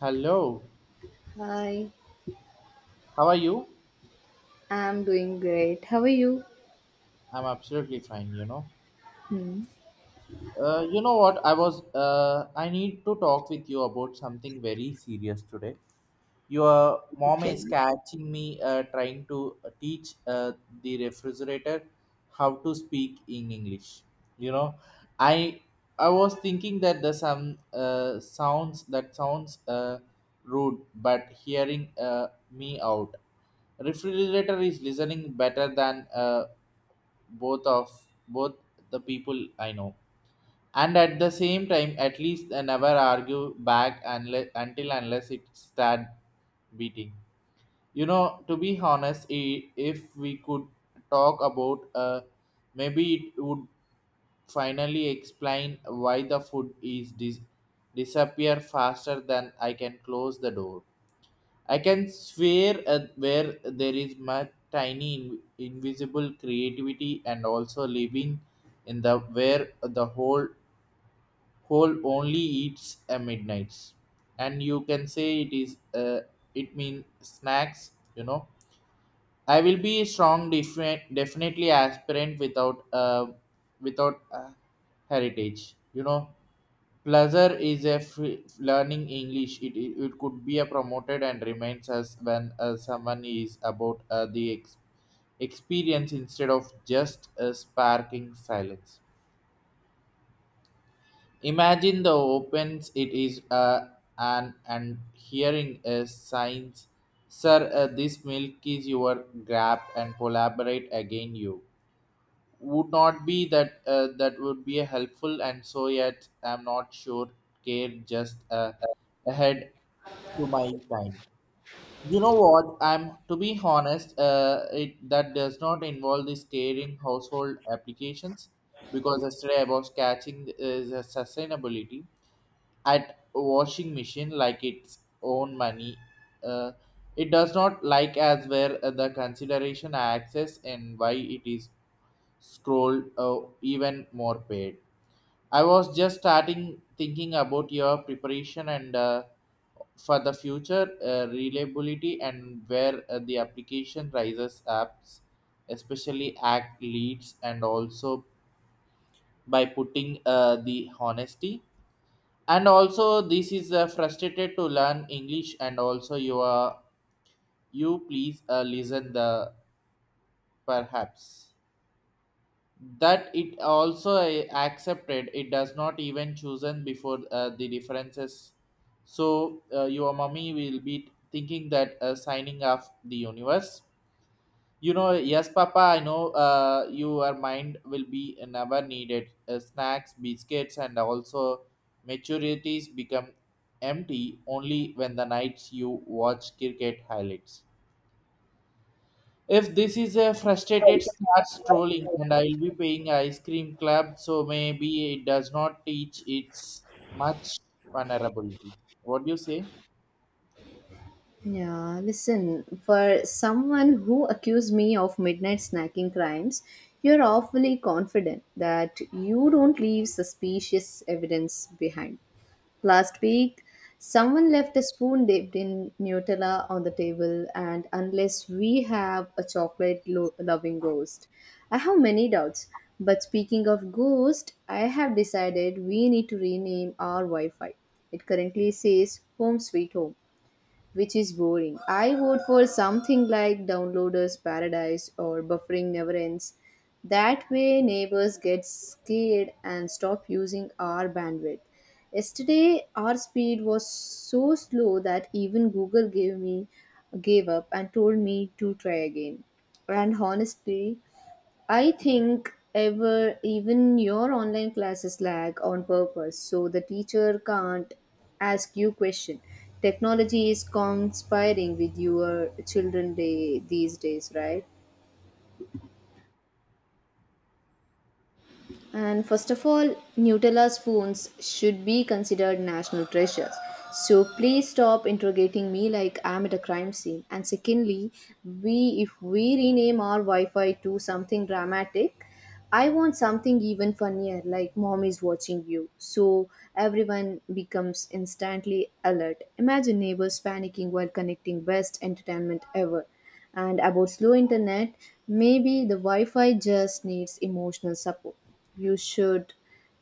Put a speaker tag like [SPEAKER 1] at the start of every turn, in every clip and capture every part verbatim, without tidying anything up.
[SPEAKER 1] Hello,
[SPEAKER 2] Hi,
[SPEAKER 1] how are you?
[SPEAKER 2] I'm doing great. How are you?
[SPEAKER 1] I'm absolutely fine, you know.
[SPEAKER 2] Hmm.
[SPEAKER 1] Uh, you know what? I was, uh, I need to talk with you about something very serious today. Your mom
[SPEAKER 2] Okay.
[SPEAKER 1] is catching me uh, trying to uh, teach uh, the refrigerator how to speak in English. You know, I I was thinking that the some uh, sounds that sounds uh, rude, but hearing uh, me out refrigerator is listening better than uh, both of both the people I know. And at the same time, at least I never argue back unless, until unless it start beating. You know, to be honest, i- if we could talk about, uh, maybe it would finally explain why the food is dis- disappear faster than I can close the door. I can swear at where there is my tiny in- invisible creativity and also living in the where the whole whole only eats at midnights. And you can say it is uh, it means snacks, you know. I will be a strong defi- definitely aspirant without uh, without uh, heritage, you know. Pleasure is a free learning English. It, it, it could be a promoted and remains as when uh, someone is about uh, the ex- experience instead of just a sparking silence. Imagine the opens it is uh, an and hearing a signs, sir. Uh, this milk is your grab and collaborate again you would not be that uh, that would be a helpful and so yet I'm not sure care just uh, ahead to my time. You know what I'm to be honest, uh, it that does not involve the scaring household applications because yesterday I was catching uh, the sustainability at washing machine like its own money. uh, it does not like as where uh, the consideration I access and why it is scroll, uh, even more paid. I was just starting thinking about your preparation and, uh, for the future uh, reliability and where uh, the application rises apps, especially act leads and also by putting uh, the honesty. And also, this is uh, frustrated to learn English and also you are you please uh, listen the perhaps that it also uh, accepted it does not even chosen before uh, the differences. So uh, your mommy will be thinking that uh, signing off the universe. You know, yes papa, I know uh, your mind will be never needed uh, snacks, biscuits and also maturities become empty only when the nights you watch cricket highlights. If this is a frustrated starts trolling and I'll be paying ice cream club, so maybe it does not teach its much vulnerability. What do you say?
[SPEAKER 2] Yeah, listen, for someone who accused me of midnight snacking crimes, you're awfully confident that you don't leave suspicious evidence behind. Last week, someone left a spoon dipped in Nutella on the table, and unless we have a chocolate lo- loving ghost, I have many doubts. But speaking of ghost, I have decided we need to rename our Wi Fi. It currently says Home Sweet Home, which is boring. I vote for something like Downloader's Paradise or Buffering Never Ends. That way, neighbors get scared and stop using our bandwidth. Yesterday, our speed was so slow that even Google gave me gave up and told me to try again. And honestly, I think ever even your online classes lag on purpose so the teacher can't ask you question. Technology is conspiring with your children day these days, right? And first of all, Nutella spoons should be considered national treasures. So please stop interrogating me like I'm at a crime scene. And secondly, we if we rename our Wi-Fi to something dramatic, I want something even funnier, like mom is watching you. So everyone becomes instantly alert. Imagine neighbors panicking while connecting, best entertainment ever. And about slow internet, maybe the Wi Fi just needs emotional support. You should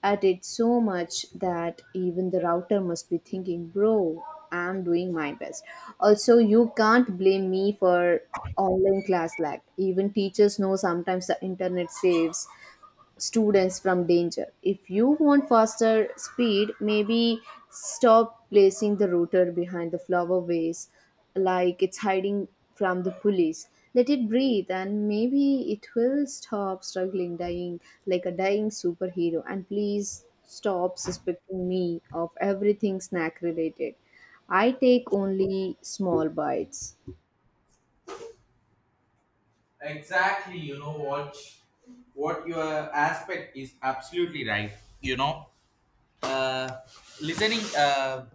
[SPEAKER 2] at it so much that even the router must be thinking, bro, I'm doing my best. Also, you can't blame me for online class lag. Even teachers know sometimes the internet saves students from danger. If you want faster speed, maybe stop placing the router behind the flower vase like it's hiding from the police. Let it breathe and maybe it will stop struggling, dying like a dying superhero. And please stop suspecting me of everything snack related. I take only small bites.
[SPEAKER 1] Exactly, you know what what your aspect is absolutely right. You know, uh, listening uh,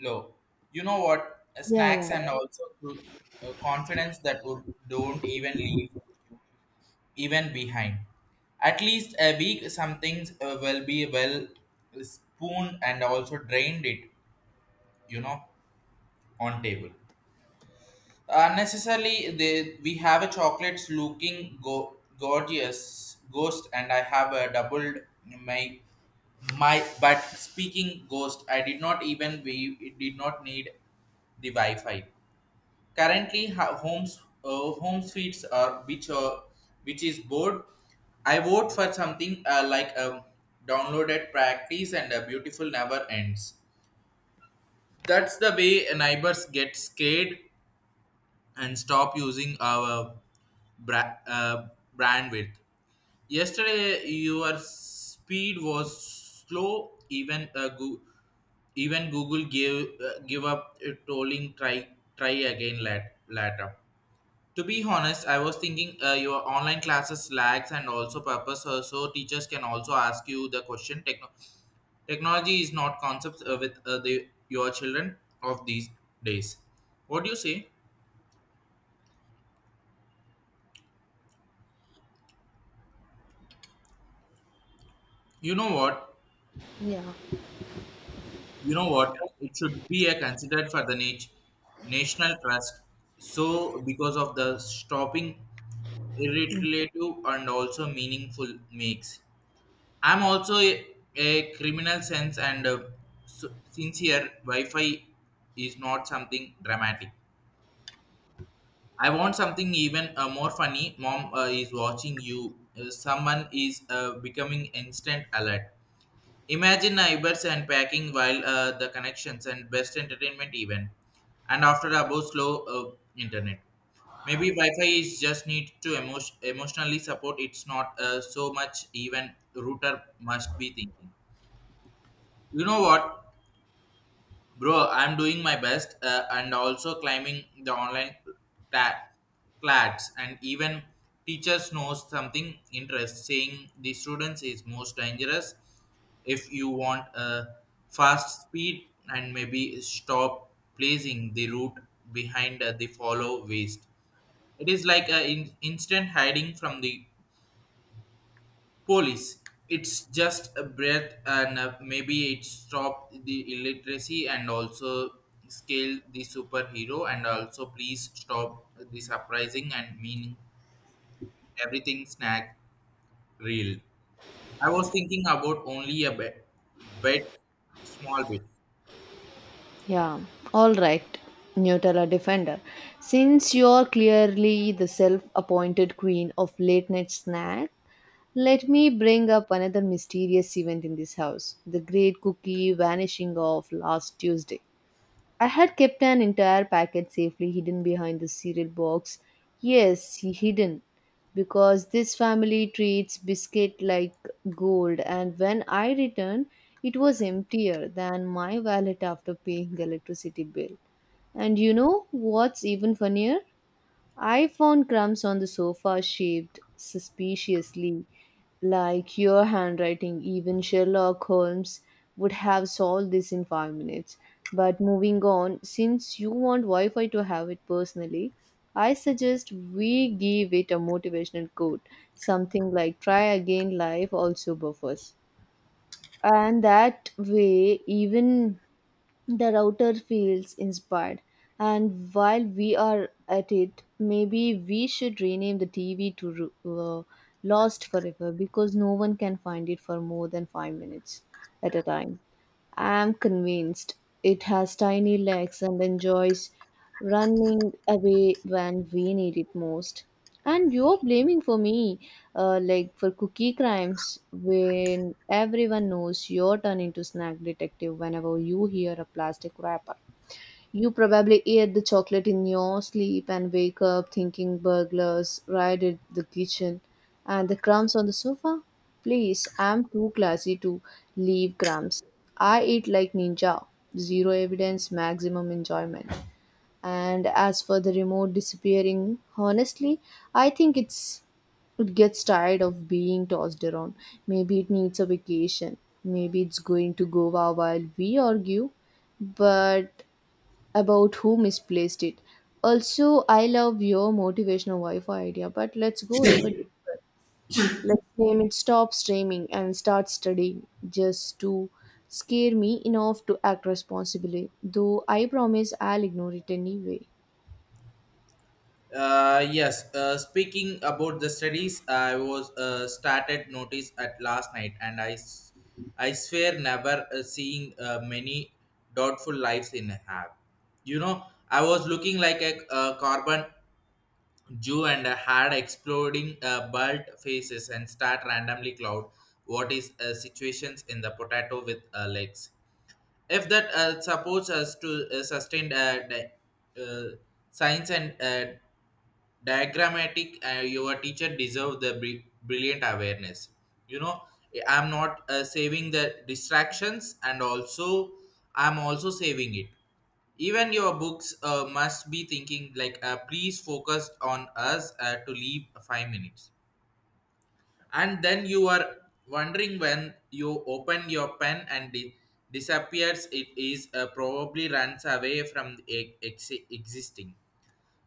[SPEAKER 1] low. You know what
[SPEAKER 2] Yeah,
[SPEAKER 1] snacks
[SPEAKER 2] yeah.
[SPEAKER 1] and also to- uh, confidence that would don't even leave even behind. At least a week, some things uh, will be well spooned and also drained it, you know, on table. Unnecessarily, they, we have a chocolates looking go, gorgeous ghost, and I have a doubled my my but speaking ghost. I did not even we it did not need the Wi-Fi. Currently, ha- homes uh, home suites are which are which is bored. I vote for something uh, like a downloaded practice and a beautiful never ends. That's the way neighbors get scared and stop using our bra- uh, bandwidth. Yesterday, your speed was slow. Even uh, Goo- even Google gave uh, give up uh, trolling. Try try again lat- later. To be honest, I was thinking uh, your online classes lags and also purpose, uh, so teachers can also ask you the question. Techno- technology is not concepts uh, with uh, the your children of these days. What do you say? You know what?
[SPEAKER 2] Yeah.
[SPEAKER 1] You know what? It should be a considered for the nat- national trust. So because of the stopping, irritative and also meaningful makes. I'm also a, a criminal sense and uh, s- sincere. Wi-Fi is not something dramatic. I want something even uh, more funny. Mom uh, is watching you. Uh, someone is uh, becoming instant alert. Imagine neighbors and packing while uh, the connections and best entertainment event. And after about slow uh, internet, maybe Wi-Fi is just need to emo- emotionally support. It's not uh, so much even router must be thinking, you know what, bro, I'm doing my best uh, and also climbing the online ta- clads and even teachers knows something interesting. The students is most dangerous. If you want a fast speed and maybe stop placing the route behind uh, the follow waste. It is like a in- instant hiding from the police. It's just a breath, and uh, maybe it stopped the illiteracy and also scale the superhero, and also please stop the surprising and meaning everything snack reel. I was thinking about only a bit, bit small bit.
[SPEAKER 2] Yeah, all right, Nutella Defender. Since you're clearly the self appointed queen of late night snack, let me bring up another mysterious event in this house, the great cookie vanishing of last Tuesday. I had kept an entire packet safely hidden behind the cereal box. Yes, hidden. Because this family treats biscuit like gold, and when I returned, it was emptier than my wallet after paying the electricity bill. And you know what's even funnier? I found crumbs on the sofa shaped suspiciously like your handwriting. Even Sherlock Holmes would have solved this in five minutes. But moving on, since you want Wi Fi to have it personally, I suggest we give it a motivational quote. Something like try again, life also buffers. And that way, even the router feels inspired. And while we are at it, maybe we should rename the tv to uh, lost forever, because no one can find it for more than five minutes at a time. I am convinced it has tiny legs and enjoys running away when we need it most. And you're blaming for me, uh, like for cookie crimes, when everyone knows you're turning into snack detective whenever you hear a plastic wrapper. You probably ate the chocolate in your sleep and wake up thinking burglars raided the kitchen and the crumbs on the sofa. Please, I'm too classy to leave crumbs. I eat like ninja. Zero evidence, maximum enjoyment. And as for the remote disappearing, honestly, I think it's it gets tired of being tossed around. Maybe it needs a vacation. Maybe it's going to Goa while we argue, but about who misplaced it. Also, I love your motivational Wi-Fi idea, but let's go ever deeper. Let's name it stop streaming and start studying, just to scare me enough to act responsibly. Though I promise I'll ignore it anyway.
[SPEAKER 1] Uh, yes, uh, speaking about the studies, I was uh, started notice at last night, and I, s- I swear never uh, seeing uh, many doubtful lives in a have. You know, I was looking like a, uh carbon Jew and had exploding uh, bald faces and start randomly cloud. What is uh, situations in the potato with uh, legs? If that uh, supports us to uh, sustain uh, di- uh, science and uh, diagrammatic uh, your teacher deserve the bri- brilliant awareness. You know, I'm not uh, saving the distractions and also I'm also saving it. Even your books uh, must be thinking like, uh, please focus on us uh, to leave five minutes and then you are wondering when you open your pen and di- disappears it is uh, probably runs away from the e- ex- existing.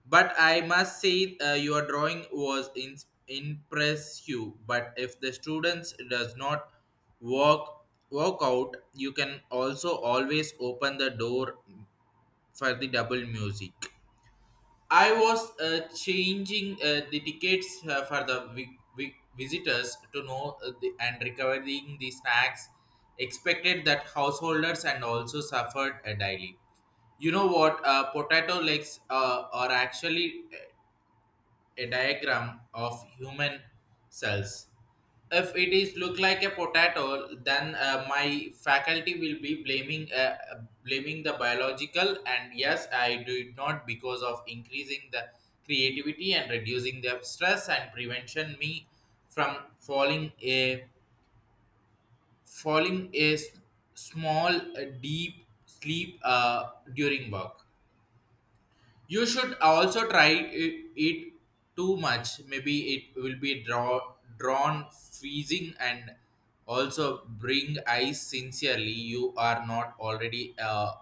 [SPEAKER 1] But I must say, uh, your drawing was in, impress you. But if the students does not walk walk out, you can also always open the door for the double music. I was uh, changing uh, the tickets uh, for the vi- vi- visitors to know uh, the, and recovering the snacks. Expected that householders and also suffered uh, daily. You know what? Uh, potato legs uh, are actually a diagram of human cells. If it is look like a potato, then uh, my faculty will be blaming uh, uh, blaming the biological. And yes, I do it not because of increasing the creativity and reducing the stress and prevention me from falling a falling a s- small uh, deep sleep uh, during work. You should also try it, it too much. Maybe it will be draw, drawn freezing and also bring ice sincerely. You are not already uh,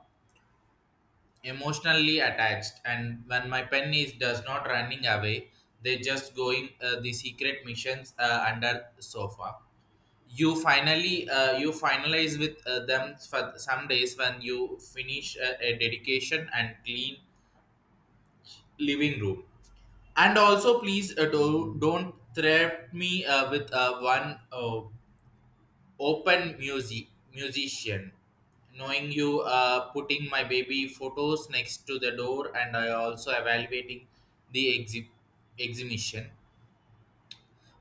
[SPEAKER 1] emotionally attached. And when my pen is does not running away, they just going uh, the secret missions uh, under sofa. You finally uh, you finalize with uh, them for some days when you finish a, a dedication and clean living room. And also, please uh, do, don't threat me uh, with uh, one uh, open music musician. Knowing you uh, putting my baby photos next to the door, and I also evaluating the exhi- exhibition.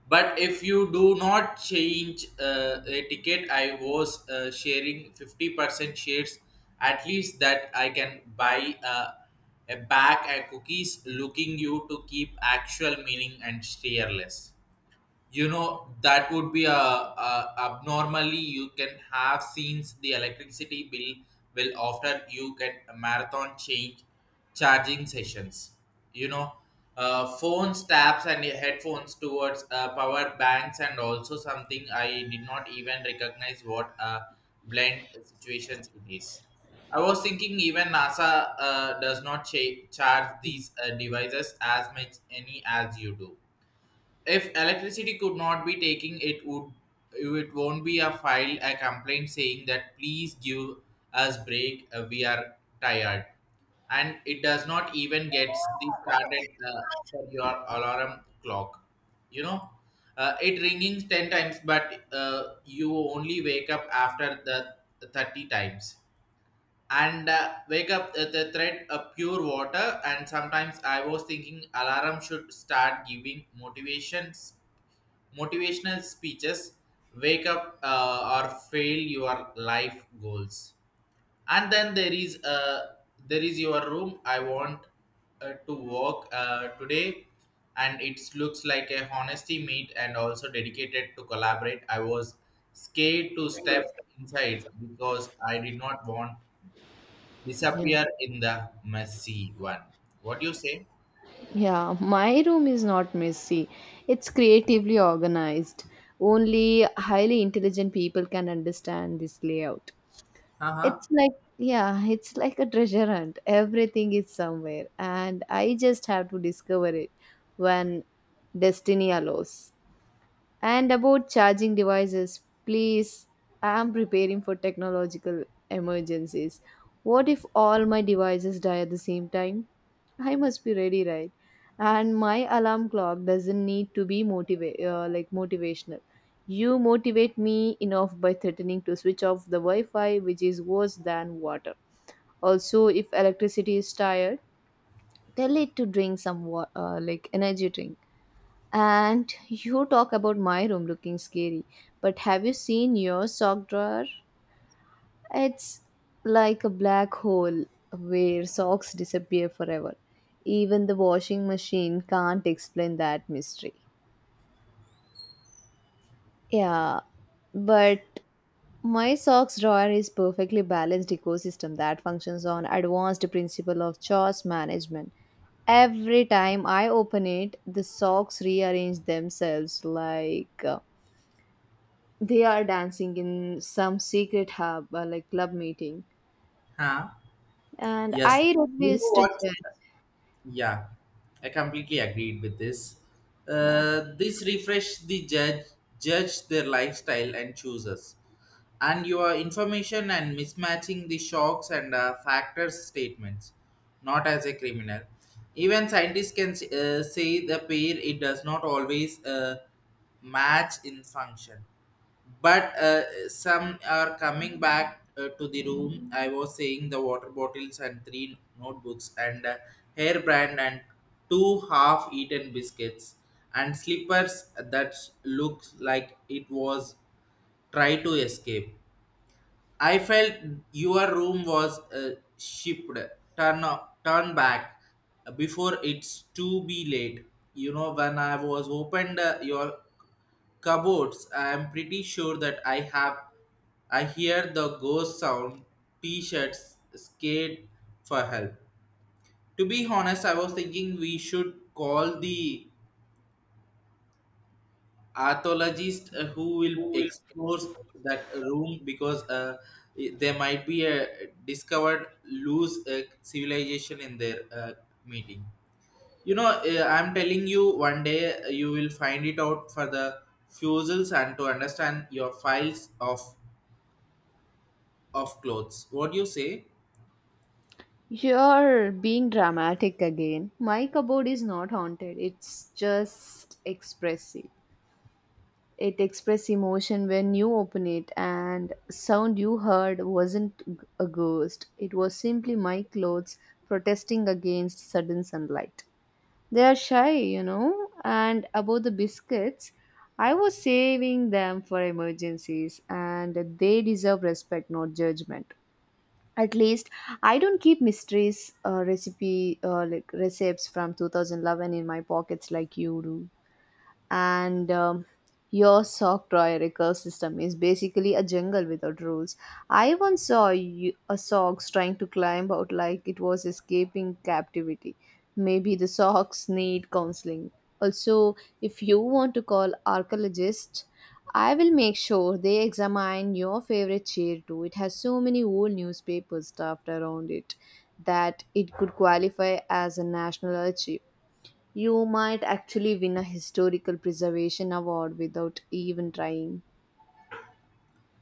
[SPEAKER 1] But if you do not change uh, a ticket, I was uh, sharing fifty percent shares at least that I can buy uh, a bag and cookies looking you to keep actual meaning and steer. You know that would be a, a abnormally. You can have scenes the electricity bill will after you can marathon change charging sessions, you know, uh, phones, tabs and headphones towards uh, power banks and also something I did not even recognize what a blend situations it is. I was thinking even NASA uh, does not cha- charge these uh, devices as much any as you do. If electricity could not be taking it would it won't be a file a complaint saying that please give us break, uh, we are tired. And it does not even get started uh, for your alarm clock, you know, uh, it ringing ten times but uh, you only wake up after the thirty times. And uh, wake up uh, the thread of pure water. And sometimes I was thinking alarm should start giving motivations motivational speeches: wake up uh, or fail your life goals. And then there is uh, there is your room I want uh, to work uh, today, and it looks like a honesty meet and also dedicated to collaborate. I was scared to step inside because I did not want
[SPEAKER 2] Yeah.
[SPEAKER 1] disappear in the messy one. What do you say?
[SPEAKER 2] Yeah, my room is not messy. It's creatively organized. Only highly intelligent people can understand this layout. It's like, yeah, it's like a treasure hunt. Everything is somewhere, and I just have to discover it when destiny allows. And about charging devices, please, I am preparing for technological emergencies. What if all my devices die at the same time? I must be ready, right? And my alarm clock doesn't need to be motiva- uh, like motivational. You motivate me enough by threatening to switch off the Wi-Fi, which is worse than water. Also, if electricity is tired, tell it to drink some wa- uh, like energy drink. And you talk about my room looking scary, but have you seen your sock drawer? It's like a black hole where socks disappear forever. Even the washing machine can't explain that mystery. Yeah, but my socks drawer is perfectly balanced ecosystem that functions on advanced principle of chores management. Every time I open it, the socks rearrange themselves like uh, they are dancing in some secret hub or like club meeting,
[SPEAKER 1] Huh?
[SPEAKER 2] and
[SPEAKER 1] Yes,
[SPEAKER 2] I
[SPEAKER 1] you know
[SPEAKER 2] refuse to
[SPEAKER 1] what,
[SPEAKER 2] judge.
[SPEAKER 1] yeah, I completely agreed with this.
[SPEAKER 2] Yeah,
[SPEAKER 1] Uh, this refresh the judge judge their lifestyle and chooses, and your information and mismatching the shocks and uh, factors statements, not as a criminal. Even scientists can uh, say the pair it does not always uh, match in function but uh, some are coming back uh, to the room I was saying the water bottles and three notebooks and uh, hair brand and two half eaten biscuits and slippers that looked like it was try to escape. I felt your room was uh, shipped. Turn turn back uh, before it's too be late. You know when I was opened uh, your cupboards, I am pretty sure that I have. I hear the ghost sound. T-shirts scared for help. To be honest, I was thinking we should call the archaeologist uh, who will explore that room because uh, i- there might be a discovered loose uh, civilization in their uh, meeting. You know uh, I'm telling you one day uh, you will find it out for the fuses and to understand your files of of clothes. What do you say?
[SPEAKER 2] you're being dramatic again. My cupboard is not haunted, it's just expressive. It expresses emotion when you open it, and sound you heard wasn't g- a ghost, it was simply my clothes protesting against sudden sunlight. They are shy, you know. And about the biscuits, I was saving them for emergencies, and they deserve respect, not judgment. At least I don't keep mysteries, uh, recipe, uh, like recipes from twenty eleven in my pockets like you do. And um, Your sock drawer ecosystem is basically a jungle without rules. I once saw you, a socks trying to climb out like it was escaping captivity. Maybe the socks need counseling. Also, if you want to call archaeologists, I will make sure they examine your favorite chair too. It has so many old newspapers stuffed around it that it could qualify as a national archive. You might actually win a historical preservation award without even trying.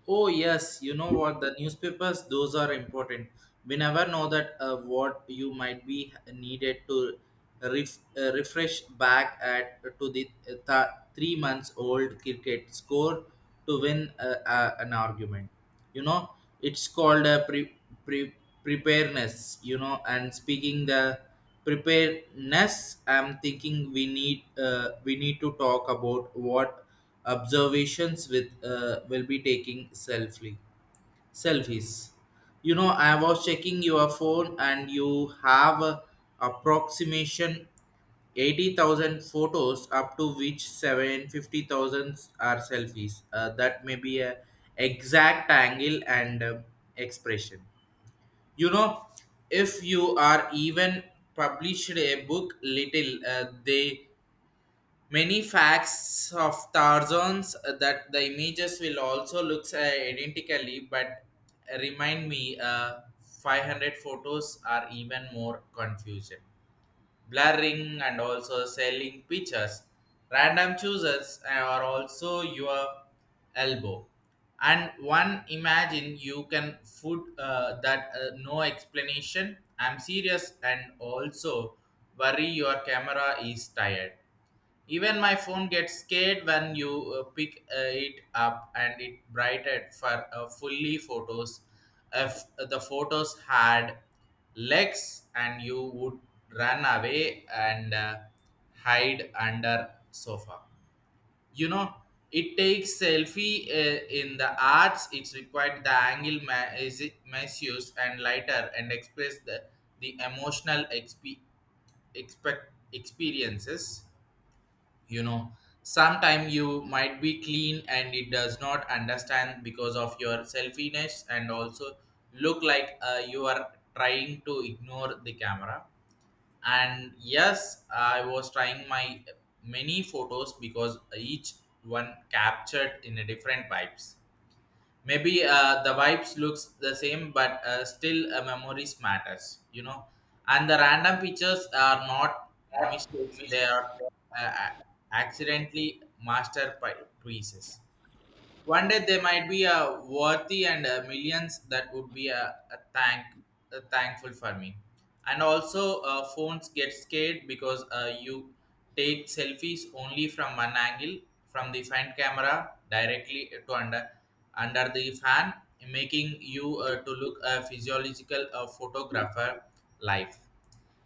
[SPEAKER 1] Oh yes, you know what, the newspapers, those are important. We never know that uh, what you might be needed to ref, uh, refresh back at to the uh, th- three months old cricket score to win uh, uh, an argument. You know, it's called a pre, pre, preparedness. You know, and speaking the preparedness, I'm thinking we need uh, we need to talk about what observations with uh, will be taking selfie selfies. You know, I was checking your phone and you have a approximation eighty thousand photos up to which seven hundred fifty thousand are selfies uh, that may be a exact angle and uh, expression. You know, if you are even published a book little uh, they many facts of thousands uh, that the images will also looks uh, identically, but remind me uh, five hundred photos are even more confusion, blurring and also selling pictures. Random choosers uh, are also your elbow. And one imagine you can food uh, that uh, no explanation. I'm serious, and also worry your camera is tired. Even my phone gets scared when you uh, pick uh, it up and it brighted for uh, fully photos. If uh, the photos had legs, and you would run away and uh, hide under sofa. You know, it takes selfie uh, in the arts. It's required the angle ma- is it misuse and lighter and express the, the emotional exp- expect experiences. You know, sometimes you might be clean and it does not understand because of your selfishness, and also look like uh, you are trying to ignore the camera. And yes, I was trying my many photos because each one captured in a different vibes. Maybe uh, the vibes looks the same, but uh, still uh, memories matters, you know. And the random pictures are not mistakes, they are uh, accidentally masterpieces. One day there might be a worthy and uh millions that would be a, a thank a thankful for me. And also, uh, phones get scared because uh, you take selfies only from one angle, from the front camera directly to under under the fan, making you uh, to look a physiological uh, photographer life.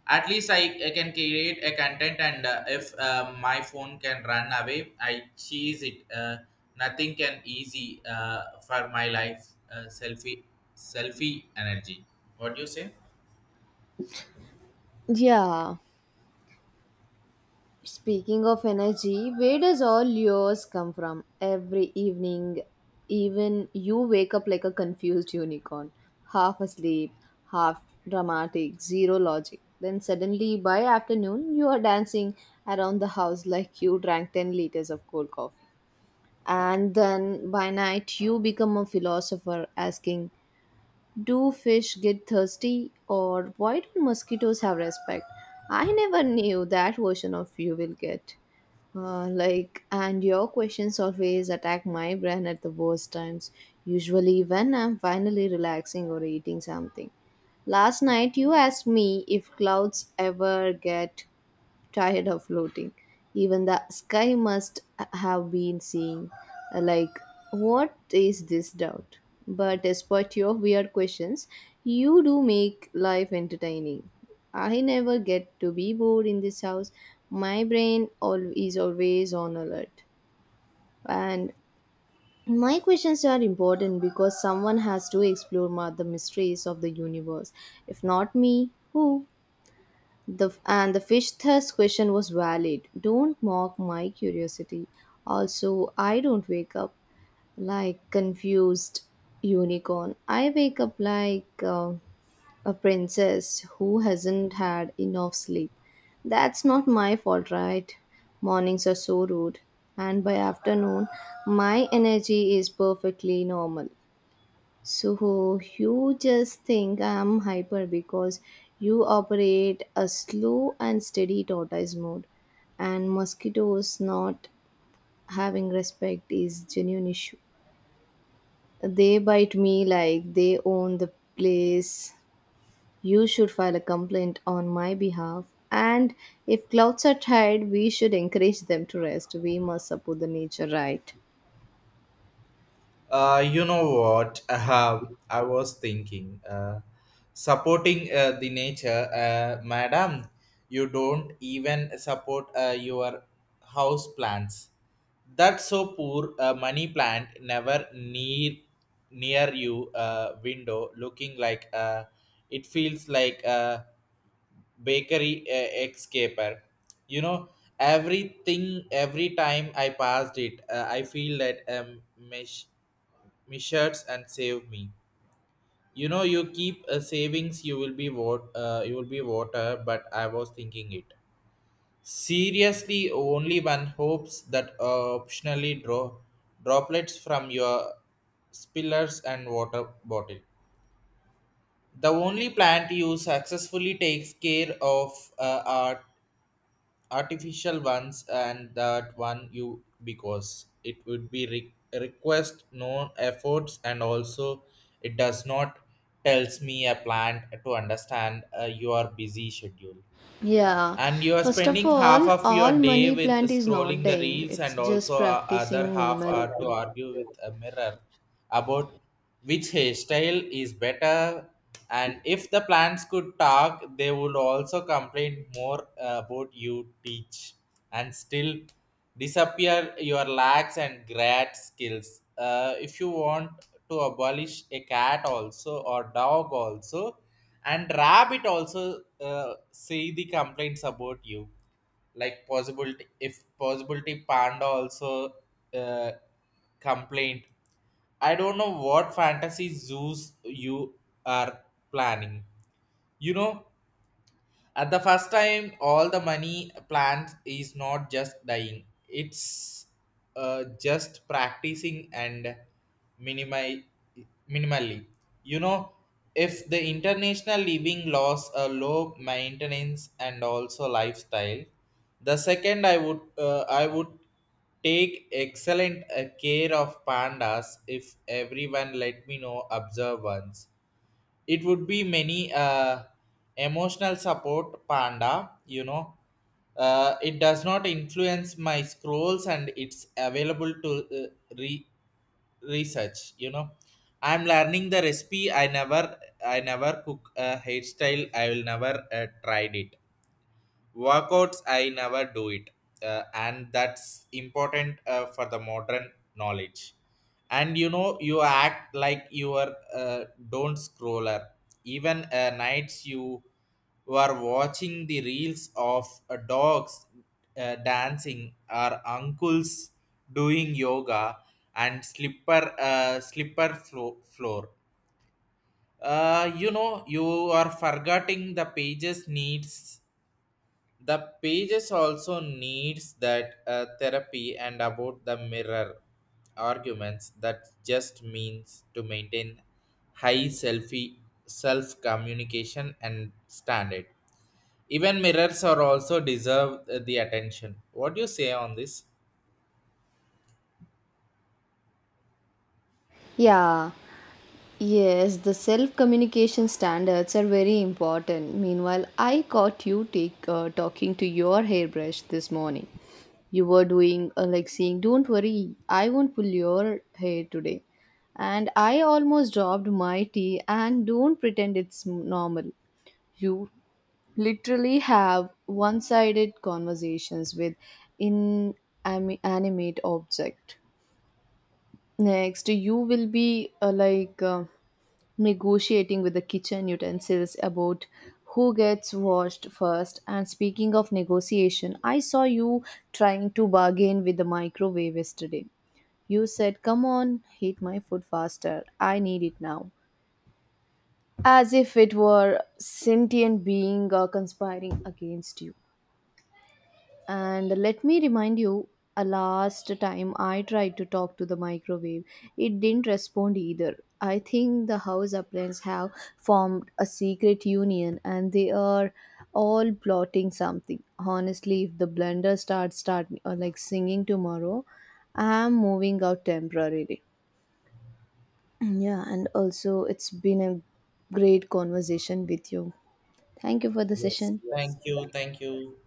[SPEAKER 1] At least I, I can create a content, and uh, if uh, my phone can run away, I cheese it uh, nothing can easy uh, for my life uh, selfie selfie energy. What do you say?
[SPEAKER 2] Yeah. Speaking of energy, where does all yours come from? Every evening, even you wake up like a confused unicorn, half asleep, half dramatic, zero logic. Then suddenly, by afternoon, you are dancing around the house like you drank ten liters of cold coffee. And then by night, you become a philosopher asking, do fish get thirsty or why do mosquitoes have respect? I never knew that version of you will get. Uh, like, and your questions always attack my brain at the worst times, usually when I'm finally relaxing or eating something. Last night, you asked me if clouds ever get tired of floating. Even the sky must have been seeing, uh, like, what is this doubt? But despite your weird questions, you do make life entertaining. I never get to be bored in this house. My brain al- is always on alert. And my questions are important because someone has to explore ma- the mysteries of the universe. If not me, who? The, and the fish thirst question was valid. Don't mock my curiosity. Also, I don't wake up like confused unicorn. I wake up like uh, a princess who hasn't had enough sleep. That's not my fault, right? Mornings are so rude, and by afternoon, my energy is perfectly normal. So you just think I'm hyper because you operate a slow and steady tortoise mode, and mosquitoes not having respect is genuine issue. They bite me like they own the place. You should file a complaint on my behalf. And if clouds are tired, we should encourage them to rest. We must support the nature, right?
[SPEAKER 1] Uh, you know what uh, I was thinking uh, supporting uh, the nature uh, madam, you don't even support uh, your house plants. That's so poor. A money plant never near near you uh, window, looking like uh, it feels like a bakery uh, escaper. You know everything. Every time I passed it, uh, I feel that um, mesh measures and save me. You know, you keep uh, savings. You will be what uh, you will be water. But I was thinking it. Seriously, only one hopes that uh, optionally draw droplets from your spillers and water bottle. The only plant you successfully takes care of uh, are artificial ones, and that one you because it would be re- request no efforts, and also it does not tells me a plant to understand uh, your busy schedule.
[SPEAKER 2] Yeah,
[SPEAKER 1] And you are
[SPEAKER 2] first of
[SPEAKER 1] spending half
[SPEAKER 2] all,
[SPEAKER 1] of your
[SPEAKER 2] all
[SPEAKER 1] day
[SPEAKER 2] money
[SPEAKER 1] with
[SPEAKER 2] plant is not
[SPEAKER 1] scrolling the
[SPEAKER 2] dying,
[SPEAKER 1] reels,
[SPEAKER 2] it's
[SPEAKER 1] and also
[SPEAKER 2] just
[SPEAKER 1] uh, other
[SPEAKER 2] practicing
[SPEAKER 1] half are to
[SPEAKER 2] minimalism.
[SPEAKER 1] argue with a mirror about which hairstyle is better. And if the plants could talk, they would also complain more uh, about you teach, and still disappear your lacks and grad skills uh, if you want to abolish a cat also or dog also and rabbit also uh, see the complaints about you, like possibility, if possibility panda also uh, complaint. I don't know what fantasy zoos you are planning. You know, at the first time, all the money plans is not just dying. It's uh, just practicing and minimi- minimally. You know, if the international living laws a low maintenance and also lifestyle, the second I would uh, I would take excellent uh, care of pandas if everyone let me know observe once. It would be many uh, emotional support panda, you know. Uh, it does not influence my scrolls, and it's available to uh, re- research. You know, I'm learning the recipe. I never, I never cook a hairstyle. I will never uh, tried it. Workouts I never do it, uh, and that's important uh, for the modern knowledge. And you know, you act like you are uh, don't scroller. Even uh, nights you were watching the reels of uh, dogs uh, dancing or uncles doing yoga and slipper uh, slipper flo- floor. Uh, you know, you are forgetting the pages needs, the pages also needs that uh, therapy. And about the mirror arguments, that just means to maintain high selfie self communication and standard. Even mirrors are also deserve uh, the attention. What do you say on this?
[SPEAKER 2] Yeah, yes, the self communication standards are very important. Meanwhile, I caught you take, uh, talking to your hairbrush this morning. You were doing uh, like saying, don't worry, I won't pull your hair today. And I almost dropped my tea, and don't pretend it's normal. You literally have one sided conversations with inanimate object. Next you will be uh, like uh, negotiating with the kitchen utensils about who gets washed first. And speaking of negotiation, I saw you trying to bargain with the microwave yesterday. You said, come on, heat my food faster, I need it now, as if it were sentient being uh, conspiring against you. And let me remind you, a last time I tried to talk to the microwave, it didn't respond either. I think the house appliances have formed a secret union and they are all plotting something. Honestly, if the blender starts start uh, like singing tomorrow, I'm moving out temporarily. Yeah, and also it's been a great conversation with you. Thank you for the
[SPEAKER 1] Yes.
[SPEAKER 2] session.
[SPEAKER 1] Thank you, thank you.